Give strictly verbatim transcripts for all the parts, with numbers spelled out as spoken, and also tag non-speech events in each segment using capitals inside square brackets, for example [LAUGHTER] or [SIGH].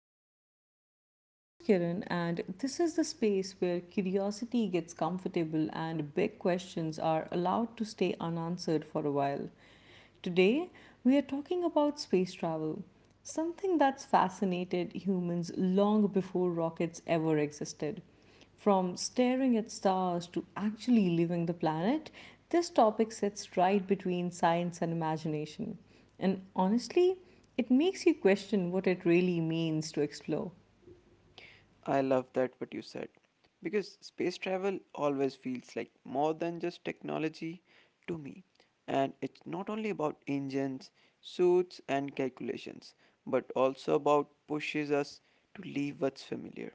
Pod. I'm your host Kiran, and this is the space where curiosity gets comfortable and big questions are allowed to stay unanswered for a while. Today, we are talking about space travel, something that's fascinated humans long before rockets ever existed. From staring at stars to actually leaving the planet, this topic sits right between science and imagination. And honestly, it makes you question what it really means to explore. I love that what you said because space travel always feels like more than just technology to me, and it's not only about engines, suits and calculations but also about pushes us to leave what's familiar.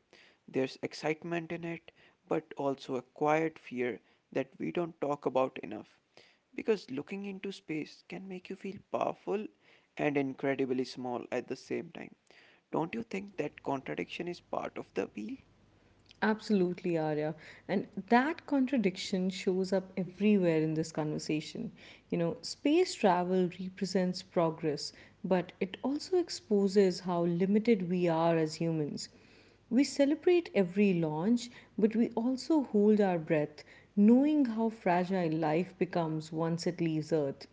There's excitement in it but also a quiet fear that we don't talk about enough. Because looking into space can make you feel powerful and incredibly small at the same time. Don't you think that contradiction is part of the appeal? Absolutely, Arya. And that contradiction shows up everywhere in this conversation. You know, space travel represents progress, but it also exposes how limited we are as humans. We celebrate every launch, but we also hold our breath, knowing how fragile life becomes once it leaves Earth.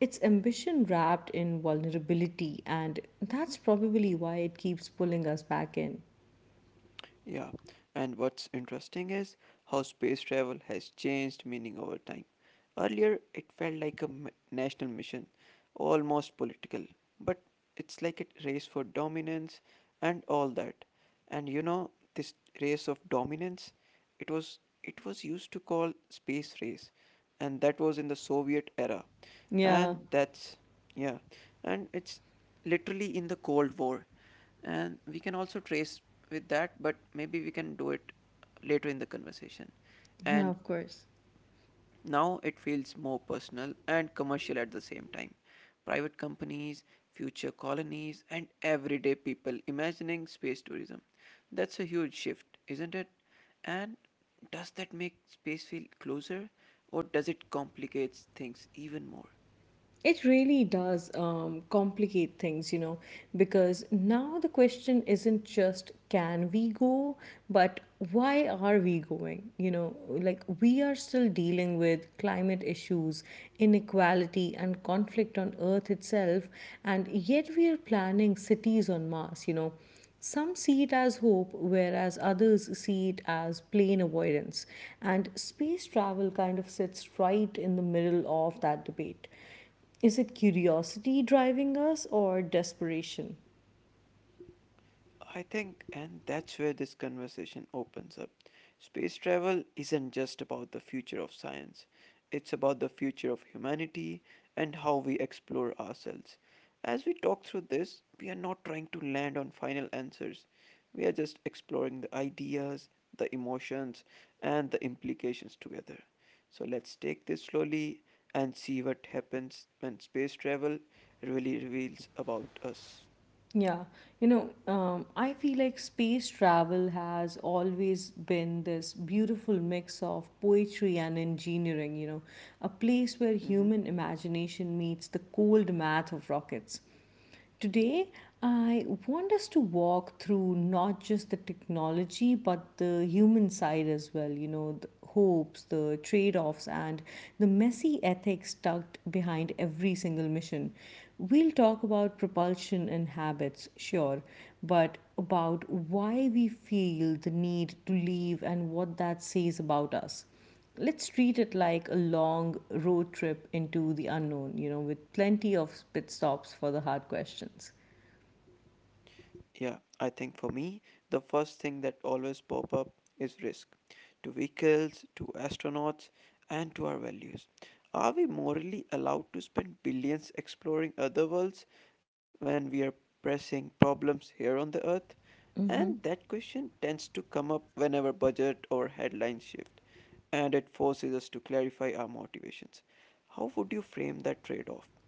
It's ambition wrapped in vulnerability, and that's probably why it keeps pulling us back in. Yeah, and what's interesting is how space travel has changed meaning over time. Earlier, it felt like a m- national mission, almost political, but it's like a race for dominance and all that. And you know, this race of dominance, it was it was used to call space race, and that was in the Soviet era, Yeah. and that's yeah, and it's literally in the Cold War, and we can also trace with that, but maybe we can do it later in the conversation. Yeah, And of course. now it feels more personal and commercial at the same time. Private companies, future colonies, and everyday people imagining space tourism. That's a huge shift, isn't it? And does that make space feel closer or does it complicate things even more? It really does um, complicate things, you know, because now the question isn't just can we go, but why are we going? You know, like we are still dealing with climate issues, inequality, and conflict on Earth itself, and yet we are planning cities on Mars, you know. Some see it as hope, whereas others see it as plain avoidance. And space travel kind of sits right in the middle of that debate. Is it curiosity driving us or desperation? I think, and that's where this conversation opens up. Space travel isn't just about the future of science, it's about the future of humanity and how we explore ourselves. As we talk through this, we are not trying to land on final answers, we are just exploring the ideas, the emotions, and the implications together. So let's take this slowly and see what happens when space travel really reveals about us. Yeah, you know, um, I feel like space travel has always been this beautiful mix of poetry and engineering, you know, a place where Mhm. human imagination meets the cold math of rockets. Today, I want us to walk through not just the technology but the human side as well, you know, the hopes, the trade offs, and the messy ethics tucked behind every single mission. We'll talk about propulsion and habits, sure, but about why we feel the need to leave and what that says about us. Let's treat it like a long road trip into the unknown, you know, with plenty of pit stops for the hard questions. Yeah, I think for me, the first thing that always pop up is risk to vehicles, to astronauts, and to our values. Are we morally allowed to spend billions exploring other worlds when we are pressing problems here on the earth? And that question tends to come up whenever budget or headlines shift, and it forces us to clarify our motivations. How would you frame that trade off?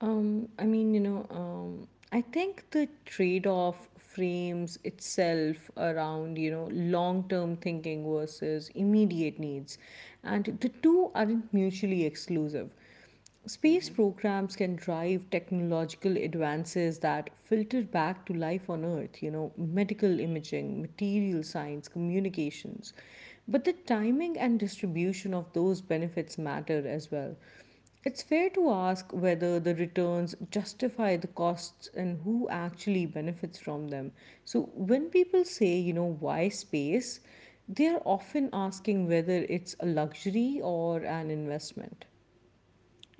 Um, I mean, you know, um, I think the trade off frames itself around, you know, long term thinking versus immediate needs. And the two aren't mutually exclusive. Space programs can drive technological advances that filter back to life on Earth, you know, medical imaging, material science, communications. But the timing and distribution of those benefits matter as well. It's fair to ask whether the returns justify the costs and who actually benefits from them. So, when people say, you know, why space, they are often asking whether it's a luxury or an investment.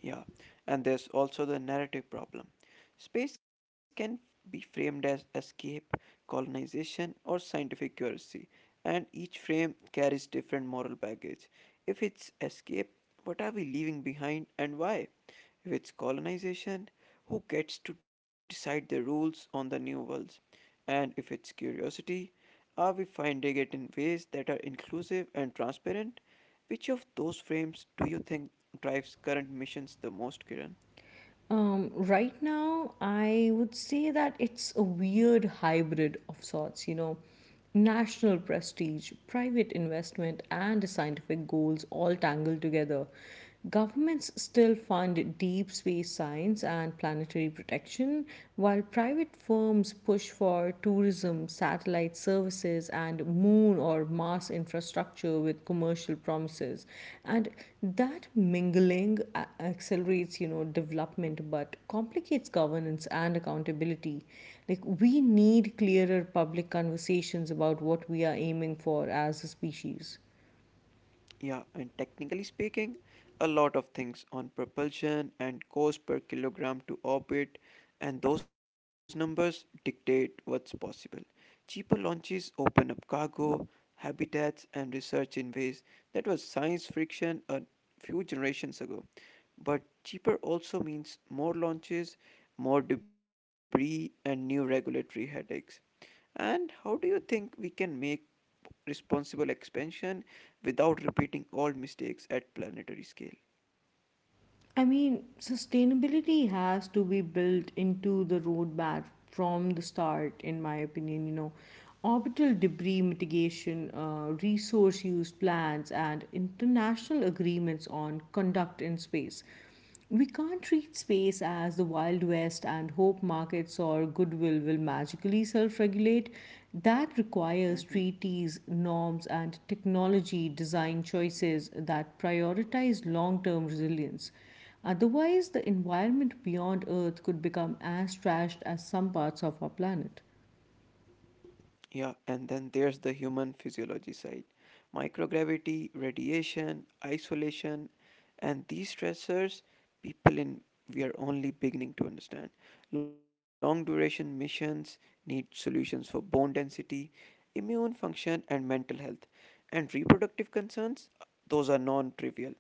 Yeah, and there's also the narrative problem. Space can be framed as escape, colonization, or scientific curiosity, and each frame carries different moral baggage. If it's escape, what are we leaving behind and why? If it's colonization, who gets to decide the rules on the new worlds? And if it's curiosity, are we finding it in ways that are inclusive and transparent? Which of those frames do you think drives current missions the most, Kiran? Um, right now, I would say that it's a weird hybrid of sorts, you know, national prestige, private investment, and scientific goals all tangled together. Governments still fund deep space science and planetary protection, while private firms push for tourism, satellite services, and moon or Mars infrastructure with commercial promises. And that mingling a- accelerates, you know, development but complicates governance and accountability. Like, we need clearer public conversations about what we are aiming for as a species. Yeah, and technically speaking, a lot of things on propulsion and cost per kilogram to orbit, and those numbers dictate what's possible. Cheaper launches open up cargo, habitats, and research in ways that was science fiction a few generations ago. But cheaper also means more launches, more debris, and new regulatory headaches. And how do you think we can make responsible expansion without repeating old mistakes at planetary scale? I mean, sustainability has to be built into the roadmap from the start, in my opinion. You know, orbital debris mitigation, uh, resource use plans, and international agreements on conduct in space. We can't treat space as the Wild West and hope markets or goodwill will magically self regulate. That requires Hmm. treaties, norms, and technology design choices that prioritize long term resilience. Otherwise, the environment beyond Earth could become as trashed as some parts of our planet. Yeah, and then there's the human physiology side: microgravity, radiation, isolation, and these stressors, people in we are only beginning to understand. Long duration missions need solutions for bone density, immune function, and mental health. And reproductive concerns, those are non trivial.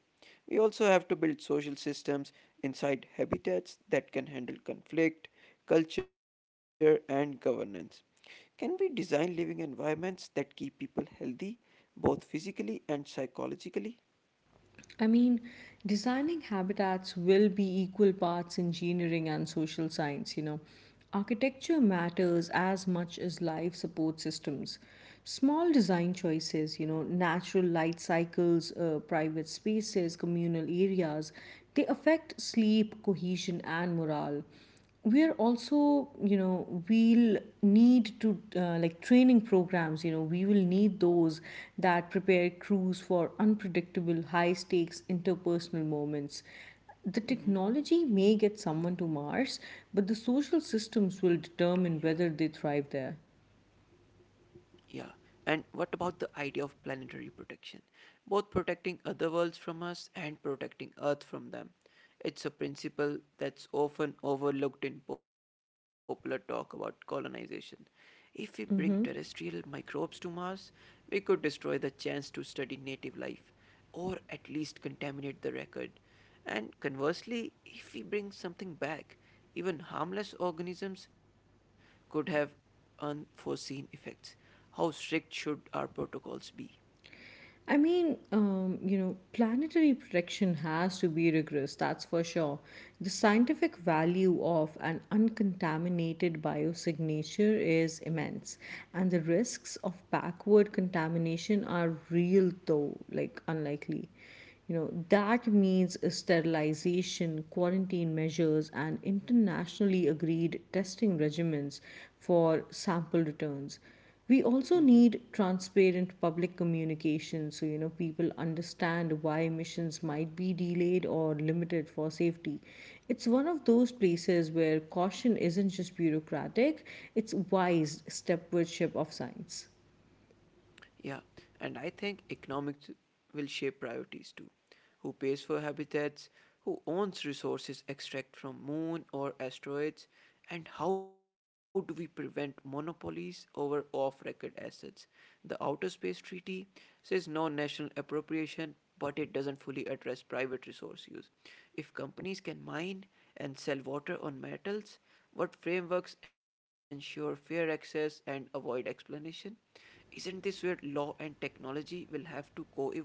We also have to build social systems inside habitats that can handle conflict, culture, and governance. Can we design living environments that keep people healthy, both physically and psychologically? I mean, designing habitats will be equal parts engineering and social science, you know. Architecture matters as much as life support systems. Small design choices, you know, natural light cycles, uh, private spaces, communal areas, they affect sleep, cohesion, and morale. We're also, you know, we'll need to, uh, like training programs, you know, we will need those that prepare crews for unpredictable high stakes interpersonal moments. The Mhm. technology may get someone to Mars, but the social systems will determine whether they thrive there. Yeah. And what about the idea of planetary protection? Both protecting other worlds from us and protecting Earth from them. It's a principle that's often overlooked in popular talk about colonization. If we bring terrestrial microbes to Mars, we could destroy the chance to study native life, or at least contaminate the record. And conversely, if we bring something back, even harmless organisms could have unforeseen effects. How strict should our protocols be? I mean, um, you know, planetary protection has to be rigorous, that's for sure. The scientific value of an uncontaminated biosignature is immense, and the risks of backward contamination are real, though, like unlikely. You know, that means sterilization, quarantine measures, and internationally agreed testing regimens for sample returns. We Hmm. also need transparent public communication so you know people understand why missions might be delayed or limited for safety. It's one of those places where caution isn't just bureaucratic, it's wise step stepwardship of science. Yeah, and I think economics will shape priorities too. Who pays for habitats, who owns resources extracted from moon or asteroids, and how do we prevent monopolies over off record assets? The Outer Space Treaty says no national appropriation, but it doesn't fully address private resource use. If companies can mine and sell water on metals, what frameworks ensure fair access and avoid exploitation? Isn't this where law and technology will have to co evolve?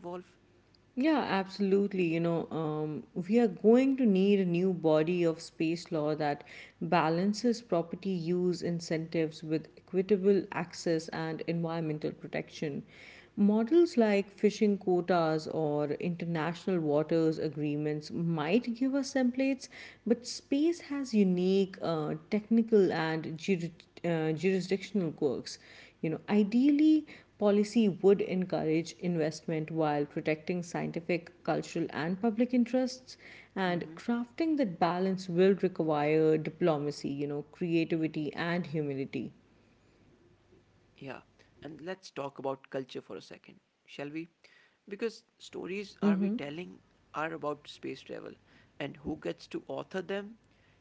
Yeah, absolutely. You know, um, we are going to need a new body of space law that balances property use incentives with equitable access and environmental protection. Models like fishing quotas or international waters agreements might give us templates, but space has unique uh, technical and jurid- uh, jurisdictional quirks. You know, ideally, policy would encourage investment while protecting scientific, cultural, and public interests. And crafting that balance will require diplomacy, you know, creativity, and humility. Yeah, and let's talk about culture for a second, shall we? Because stories are we telling are about space travel, and who gets to author them?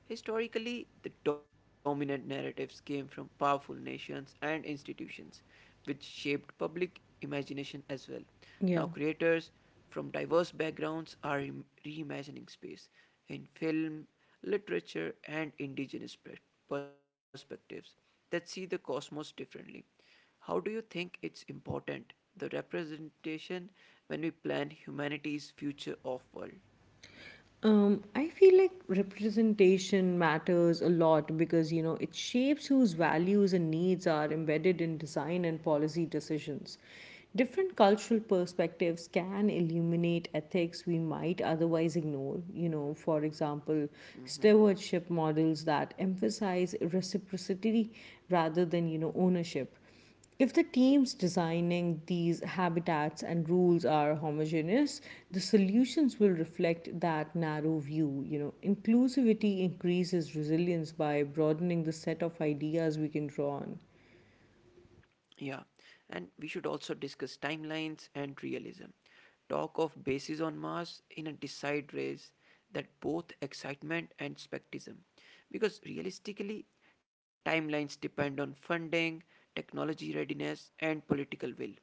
Historically, the dominant narratives came from powerful nations and institutions, which shaped public imagination as well. Now, Yeah. creators from diverse backgrounds are reimagining space in film, literature, and indigenous perspectives that see the cosmos differently. How do you think it's important the representation when we plan humanity's future of world? Um, I feel like representation matters a lot because, you know, it shapes whose values and needs are embedded in design and policy decisions. Different cultural perspectives can illuminate ethics we might otherwise ignore. You know, for example, Mhm. stewardship models that emphasize reciprocity rather than, you know, ownership. If the teams designing these habitats and rules are homogeneous, the solutions will reflect that narrow view. You know, inclusivity increases resilience by broadening the set of ideas we can draw on. Yeah, and we should also discuss timelines and realism. Talk of bases on Mars in a decide race that both excitement and spectism. Because realistically, timelines depend on funding, technology readiness, and political will.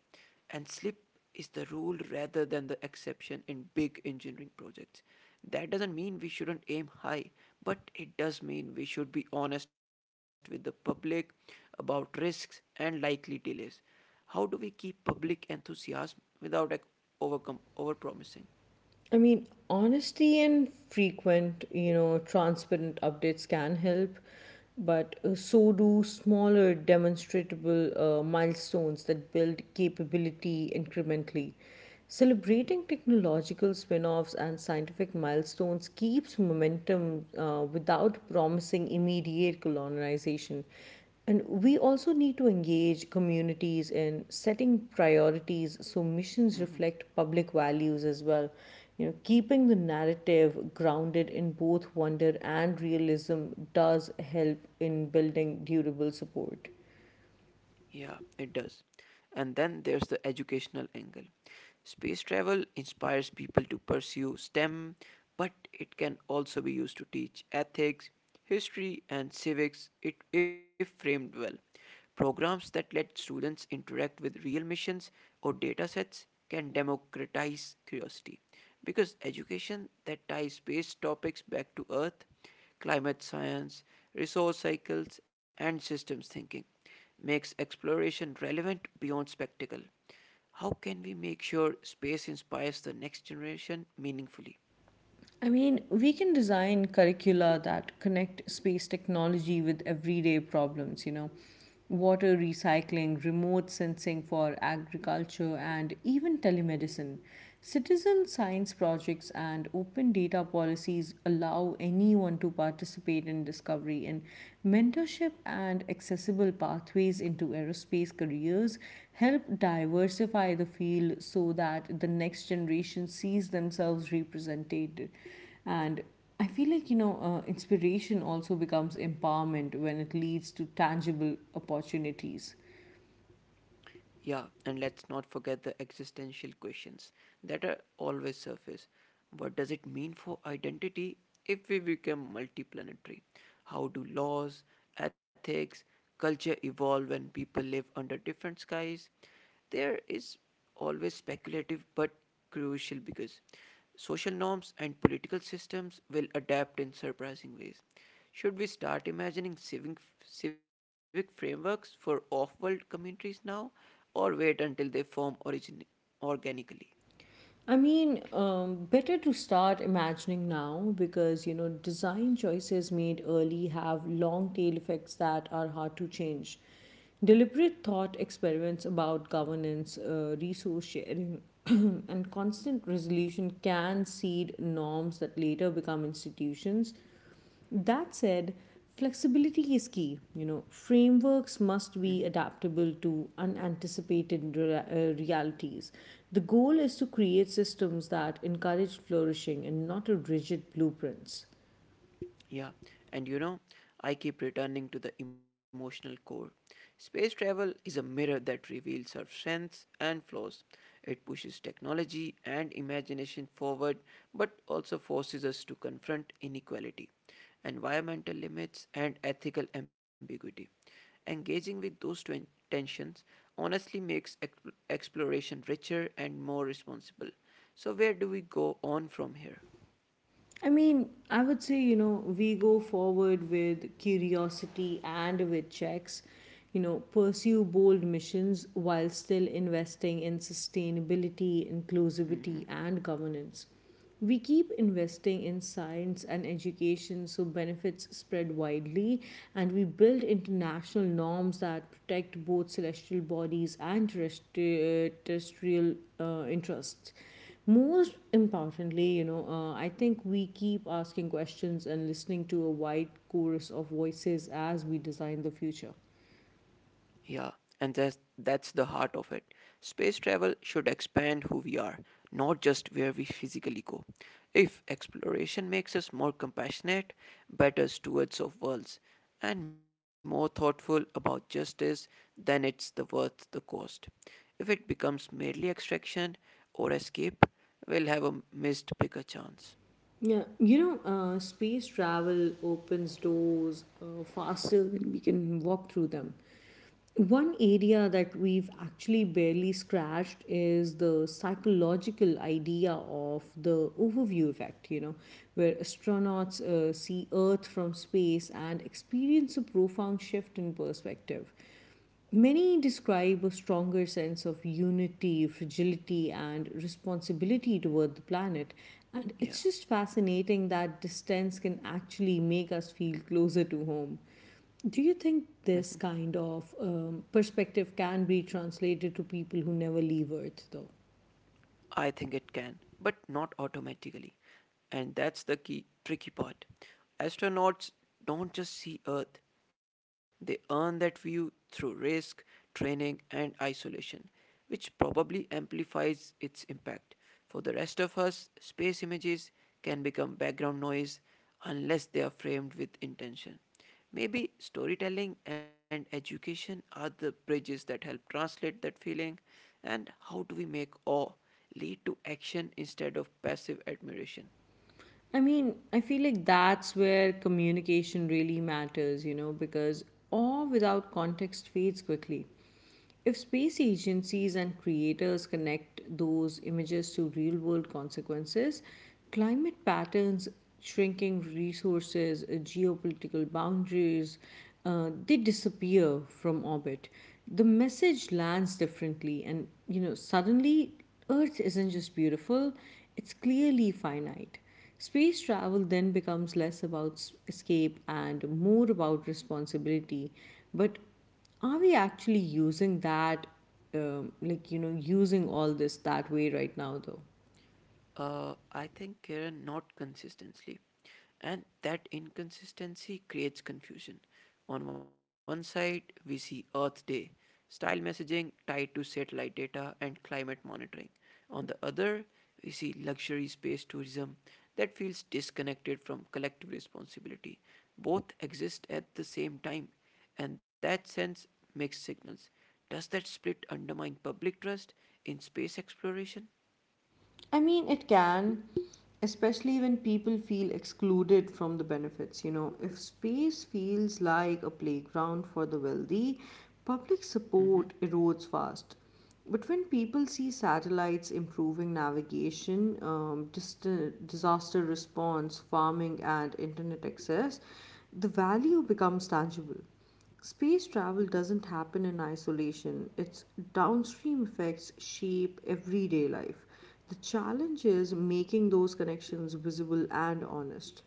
And slip is the rule rather than the exception in big engineering projects. That doesn't mean we shouldn't aim high, but it does mean we should be honest with the public about risks and likely delays. How do we keep public enthusiasm without like, overcome overpromising? I mean, honesty and frequent, you know, transparent updates can help, but uh, so do smaller, demonstrable uh, milestones that build capability incrementally. Celebrating technological spin offs and scientific milestones keeps momentum uh, without promising immediate colonization. And we also need to engage communities in setting priorities so missions reflect Mm-hmm. public values as well. You know, keeping the narrative grounded in both wonder and realism does help in building durable support. Yeah, it does. And then there's the educational angle. Space travel inspires people to pursue STEM, but it can also be used to teach ethics, history, and civics it, if framed well. Programs that let students interact with real missions or data sets can democratize curiosity. Because education that ties space topics back to Earth climate science, resource cycles, and systems thinking makes exploration relevant beyond spectacle. How can we make sure space inspires the next generation meaningfully? I mean, we can design curricula that connect space technology with everyday problems, you know, water recycling, remote sensing for agriculture, and even telemedicine. Citizen science projects and open data policies allow anyone to participate in discovery recovery in mentorship and accessible pathways into aerospace careers help diversify the field so that the next generation sees themselves represented, and I feel like, you know, uh, inspiration also becomes empowerment when it leads to tangible opportunities. Yeah, and let's not forget the existential questions that are always surface. What does it mean for identity if we become multiplanetary? How do laws, ethics, culture evolve when people live under different skies? There is always speculative but crucial because social norms and political systems will adapt in surprising ways. Should we start imagining civic, civic frameworks for off world communities now or wait until they form origin- organically? I mean, um, better to start imagining now because, you know, design choices made early have long tail effects that are hard to change. Deliberate thought experiments about governance, uh, resource sharing, [CLEARS THROAT] and constant resolution can seed norms that later become institutions. That said, flexibility is key. You know, frameworks must be adaptable to unanticipated rea- uh, realities. The goal is to create systems that encourage flourishing and not a rigid blueprints. Yeah, and you know, I keep returning to the emotional core. Space travel is a mirror that reveals our strengths and flaws. It pushes technology and imagination forward, but also forces us to confront inequality, environmental limits, and ethical ambiguity. Engaging with those twen- tensions honestly makes exp- exploration richer and more responsible. So, where do we go on from here? I mean, I would say, you know, we go forward with curiosity and with checks, you know, pursue bold missions while still investing in sustainability, Mm-hmm. inclusivity, and governance. We keep investing in science and education so benefits spread widely, and we build international norms that protect both celestial bodies and terrestri- uh, terrestrial uh, interests. Most importantly, you know, uh, I think we keep asking questions and listening to a wide chorus of voices as we design the future. Yeah, and that's, that's the heart of it. Space travel should expand who we are, not just where we physically go. If exploration makes us more compassionate, better stewards of worlds, and more thoughtful about justice, then it's the worth the cost. If it becomes merely extraction or escape, we'll have a missed bigger chance. Yeah, you know, uh, space travel opens doors uh, faster than we can walk through them. One area that we've actually barely scratched is the psychological idea of the overview effect, you know, where astronauts uh, see Earth from space and experience a profound shift in perspective. Many describe a stronger sense of unity, fragility, and responsibility toward the planet. And Yeah. it's just fascinating that distance can actually make us feel closer to home. Do you think this kind of um, perspective can be translated to people who never leave Earth, though? I think it can, but not automatically. And that's the key tricky part. Astronauts don't just see Earth, they earn that view through risk, training, and isolation, which probably amplifies its impact. For the rest of us, space images can become background noise unless they are framed with intention. Maybe storytelling and education are the bridges that help translate that feeling. And how do we make awe lead to action instead of passive admiration? I mean, I feel like that's where communication really matters, you know, because awe without context fades quickly. If space agencies and creators connect those images to real world consequences, climate patterns, shrinking resources, uh, geopolitical boundaries, uh, they disappear from orbit. The message lands differently, and you know, suddenly Earth isn't just beautiful, it's clearly finite. Space travel then becomes less about s- escape and more about responsibility. But are we actually using that, um, like, you know, using all this that way right now, though? Uh, I think, Kiran, not consistently, and that inconsistency creates confusion. On one side, we see Earth Day, style messaging tied to satellite data and climate monitoring. On the other, we see luxury space tourism that feels disconnected from collective responsibility. Both exist at the same time, and that sends mixed signals. Does that split undermine public trust in space exploration? I mean, it can, especially when people feel excluded from the benefits. You know, if space feels like a playground for the wealthy, public Mm-hmm. support erodes fast. But when people see satellites improving navigation, um, dist- disaster response, farming, and internet access, the value becomes tangible. Space travel doesn't happen in isolation, its downstream effects shape everyday life. The challenge is making those connections visible and honest.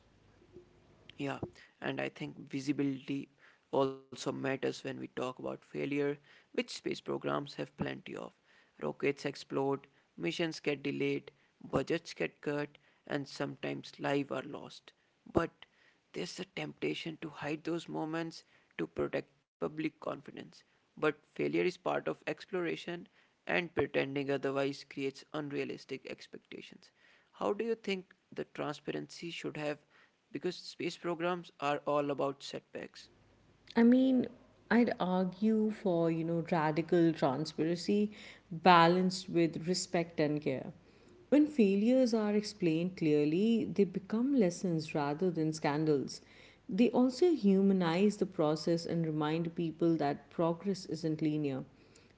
Yeah, and I think visibility also matters when we talk about failure, which space programs have plenty of. Rockets explode, missions get delayed, budgets get cut, and sometimes lives are lost. But there's a temptation to hide those moments to protect public confidence. But failure is part of exploration, and pretending otherwise creates unrealistic expectations. How do you think the transparency should have because space programs are all about setbacks. I mean, I'd argue for, you know, radical transparency balanced with respect and care. When failures are explained clearly, they become lessons rather than scandals. They also humanize the process and remind people that progress isn't linear.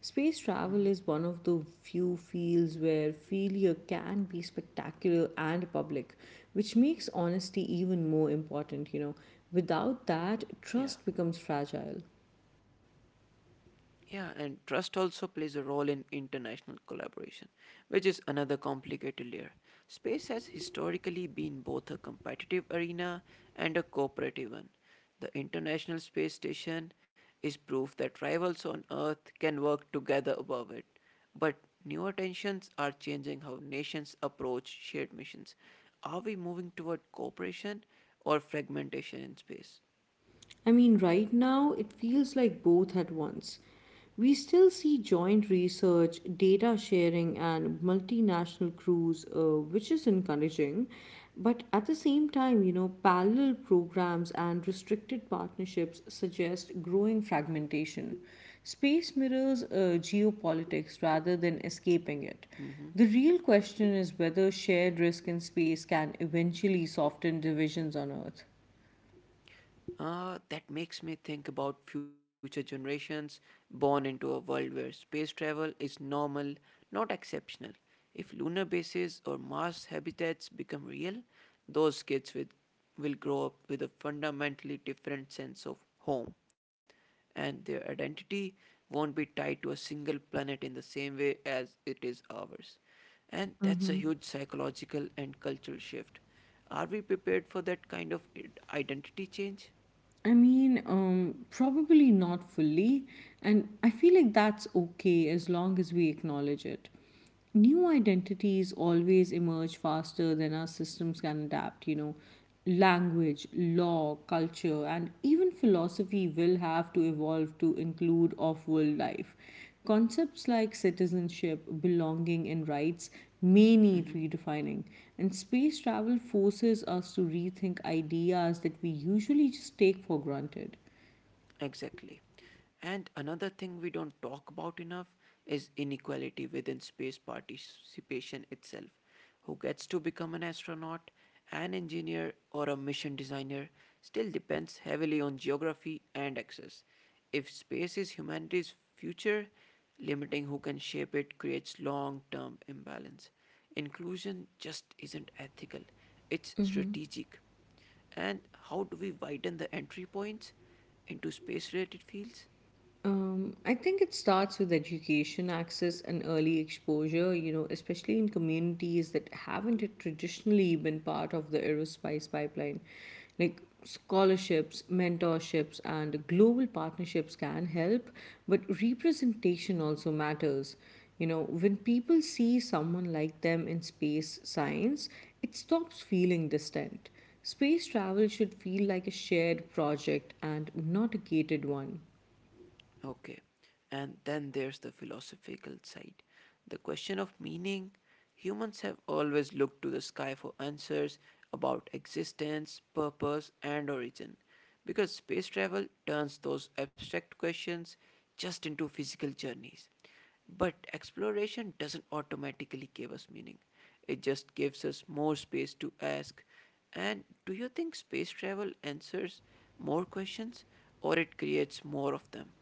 Space travel is one of the few fields where failure can be spectacular and public, which makes honesty even more important, you know. Without that, Yeah. trust becomes fragile. Yeah, and trust also plays a role in international collaboration, which is another complicated layer. Space has historically been both a competitive arena and a cooperative one. The International Space Station is proof that rivals on Earth can work together above it. But newer tensions are changing how nations approach shared missions. Are we moving toward cooperation or fragmentation in space? I mean, right now it feels like both at once. We still see joint research, data sharing, and multinational crews, uh, which is encouraging. But at the same time, you know, parallel programs and restricted partnerships suggest growing fragmentation. Space mirrors uh, geopolitics rather than escaping it. Mm-hmm. The real question is whether shared risk in space can eventually soften divisions on Earth. Uh, that makes me think about future generations born into a world where space travel is normal, not exceptional. If lunar bases or Mars habitats become real, those kids with, will grow up with a fundamentally different sense of home, and their identity won't be tied to a single planet in the same way as it is ours. And that's a huge psychological and cultural shift. Are we prepared for that kind of i- identity change? I mean, um, probably not fully, and I feel like that's okay as long as we acknowledge it. New identities always emerge faster than our systems can adapt, you know. Language, law, culture, and even philosophy will have to evolve to include off world life. Concepts like citizenship, belonging, and rights may need Hmm. redefining, and space travel forces us to rethink ideas that we usually just take for granted. Exactly. And another thing we don't talk about enough is inequality within space participation itself. Who gets to become an astronaut, an engineer, or a mission designer still depends heavily on geography and access. If space is humanity's future, limiting who can shape it creates long term imbalance. Inclusion just isn't ethical, it's strategic. And how do we widen the entry points into space related fields? Um, I think it starts with education access and early exposure, you know, especially in communities that haven't traditionally been part of the aerospace pipeline. Like scholarships, mentorships, and global partnerships can help, but representation also matters. You know, when people see someone like them in space science, it stops feeling distant. Space travel should feel like a shared project and not a gated one. Okay. And then there's the philosophical side, the question of meaning. Humans have always looked to the sky for answers about existence, purpose, and origin. Because space travel turns those abstract questions just into physical journeys. But exploration doesn't automatically give us meaning, it just gives us more space to ask. And do you think space travel answers more questions, or it creates more of them?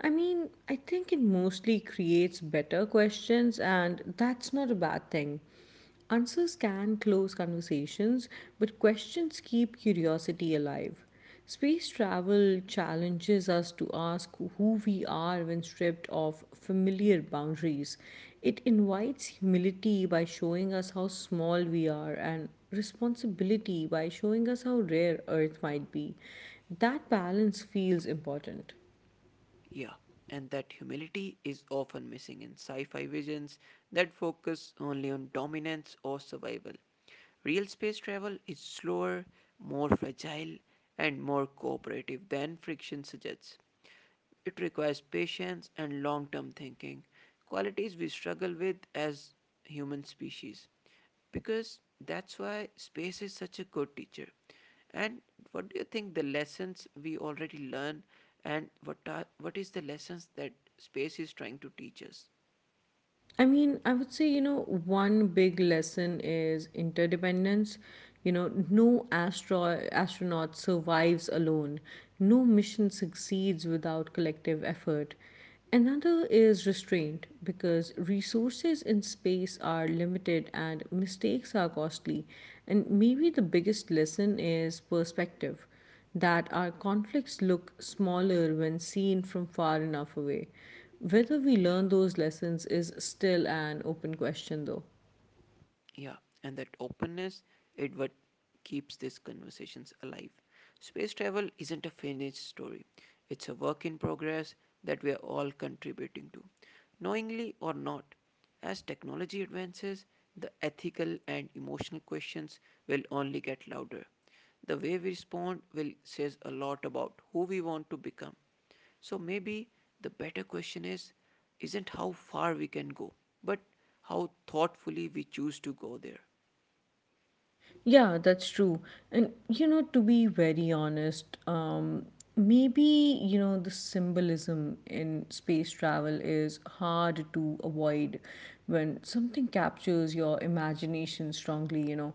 I mean, I think it mostly creates better questions, and that's not a bad thing. Answers can close conversations, but questions keep curiosity alive. Space travel challenges us to ask who we are when stripped of familiar boundaries. It invites humility by showing us how small we are and responsibility by showing us how rare Earth might be. That balance feels important. Yeah, and that humility is often missing in sci fi visions that focus only on dominance or survival. Real space travel is slower, more fragile, and more cooperative than friction suggests. It requires patience and long term thinking, qualities we struggle with as human species. Because that's why space is such a good teacher. And what do you think the lessons we already learn, and what are, what is the lessons that space is trying to teach us? I mean, I would say, you know, one big lesson is interdependence. You know, no astro- astronaut survives alone, no mission succeeds without collective effort. Another is restraint because resources in space are limited and mistakes are costly. And maybe the biggest lesson is perspective that our conflicts look smaller when seen from far enough away. Whether we Yeah, learn those lessons is still an open question, though. yeah. And that openness, it what keeps these conversations alive. Space travel isn't a finished story, it's a work in progress that we are all contributing to, knowingly or not. As technology advances, the ethical and emotional questions will only get louder. The way we respond will says a lot about who we want to become. So maybe the better question is isn't how far we can go, but how thoughtfully we choose to go there. Yeah, that's true. And you know, to be very honest, um, maybe you know the symbolism in space travel is hard to avoid when something captures your imagination strongly. You know,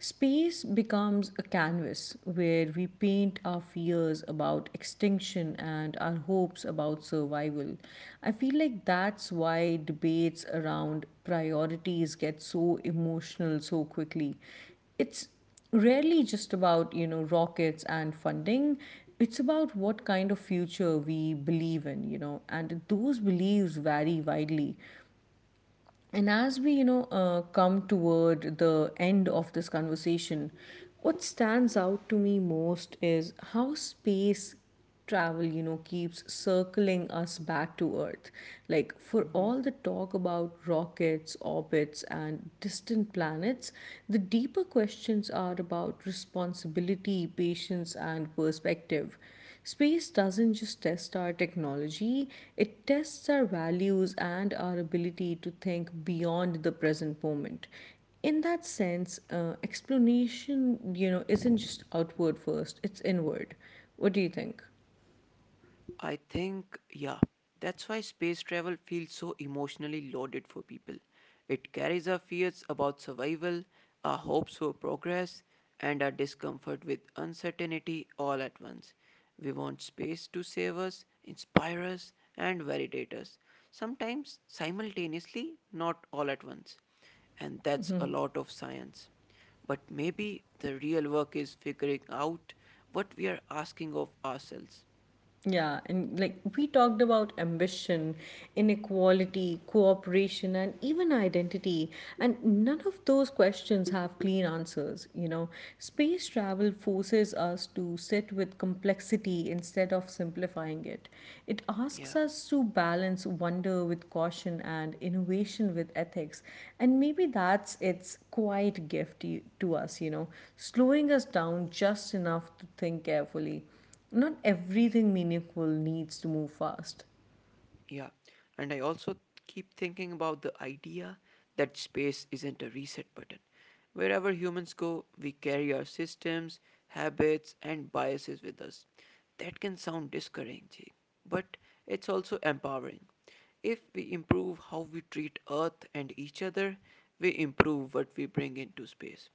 space becomes a canvas where we paint our fears about extinction and our hopes about survival. I feel like that's why debates around priorities get so emotional so quickly, it's rarely just about, you know, rockets and funding, it's about what kind of future we believe in, you know, and those beliefs vary widely. And as we, you know, uh, come toward the end of this conversation, what stands out to me most is how space travel, you know, keeps circling us back to Earth. Like, for Mm-hmm. all the talk about rockets, orbits, and distant planets, the deeper questions are about responsibility, patience, and perspective. Space doesn't just test our technology, it tests our values and our ability to think beyond the present moment. In that sense, uh, explanation, you know, isn't just outward first, it's inward. What do you think? I think, yeah, that's why space travel feels so emotionally loaded for people. It carries our fears about survival, our hopes for progress, and our discomfort with uncertainty all at once. We want space to save us, inspire us, and validate us, sometimes simultaneously, not all at once. And that's a lot of science. But maybe the real work is figuring out what we are asking of ourselves. Yeah, and like we talked about ambition, inequality, cooperation, and even identity. And none of those questions have clean answers, you know. Space travel forces us to sit with complexity instead of simplifying it. It asks Yeah. us to balance wonder with caution and innovation with ethics. And maybe that's its quiet gift to to us, you know, slowing us down just enough to think carefully, not everything meaningful needs to move fast. Yeah, and I also keep thinking about the idea that space isn't a reset button. Wherever humans go, we carry our systems, habits, and biases with us. That can sound discouraging, but it's also empowering. If we improve how we treat Earth and each other, we improve what we bring into space.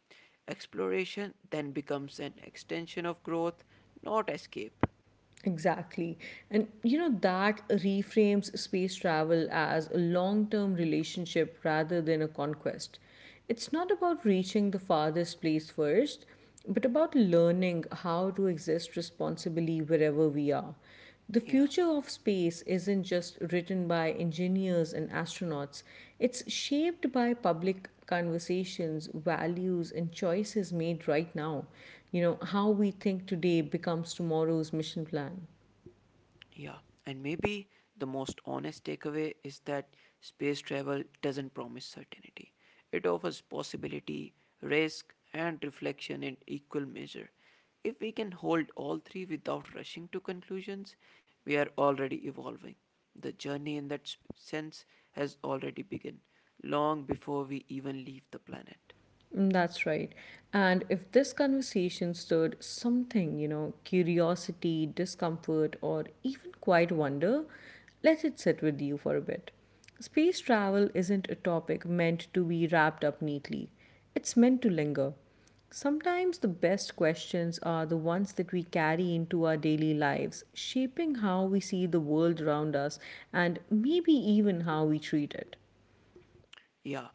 Exploration then becomes an extension of growth, not escape. Exactly. And you know, that reframes space travel as a long term relationship rather than a conquest. It's not about reaching the farthest place first, but about learning how to exist responsibly wherever we are. The Yeah. future of space isn't just written by engineers and astronauts, it's shaped by public conversations, values, and choices made right now. You know, how we think today becomes tomorrow's mission plan. Yeah, and maybe the most honest takeaway is that space travel doesn't promise certainty. It offers possibility, risk, and reflection in equal measure. If we can hold all three without rushing to conclusions, we are already evolving. The journey in that sp- sense has already begun, long before we even leave the planet. Mm, that's right. And if this conversation stirred something, you know, curiosity, discomfort, or even quiet wonder, let it sit with you for a bit. Space travel isn't a topic meant to be wrapped up neatly, it's meant to linger. Sometimes the best questions are the ones that we carry into our daily lives, shaping how we see the world around us and maybe even how we treat it. Yeah,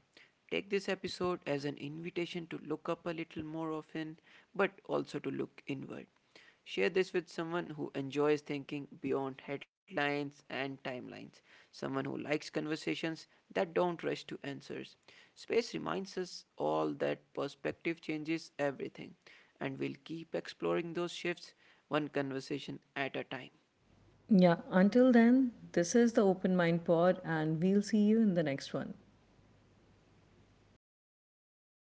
take this episode as an invitation to look up a little more often, but also to look inward. Share this with someone who enjoys thinking beyond headlines and timelines, someone who likes conversations that don't rush to answers. Space reminds us all that perspective changes everything, and we'll keep exploring those shifts one conversation at a time.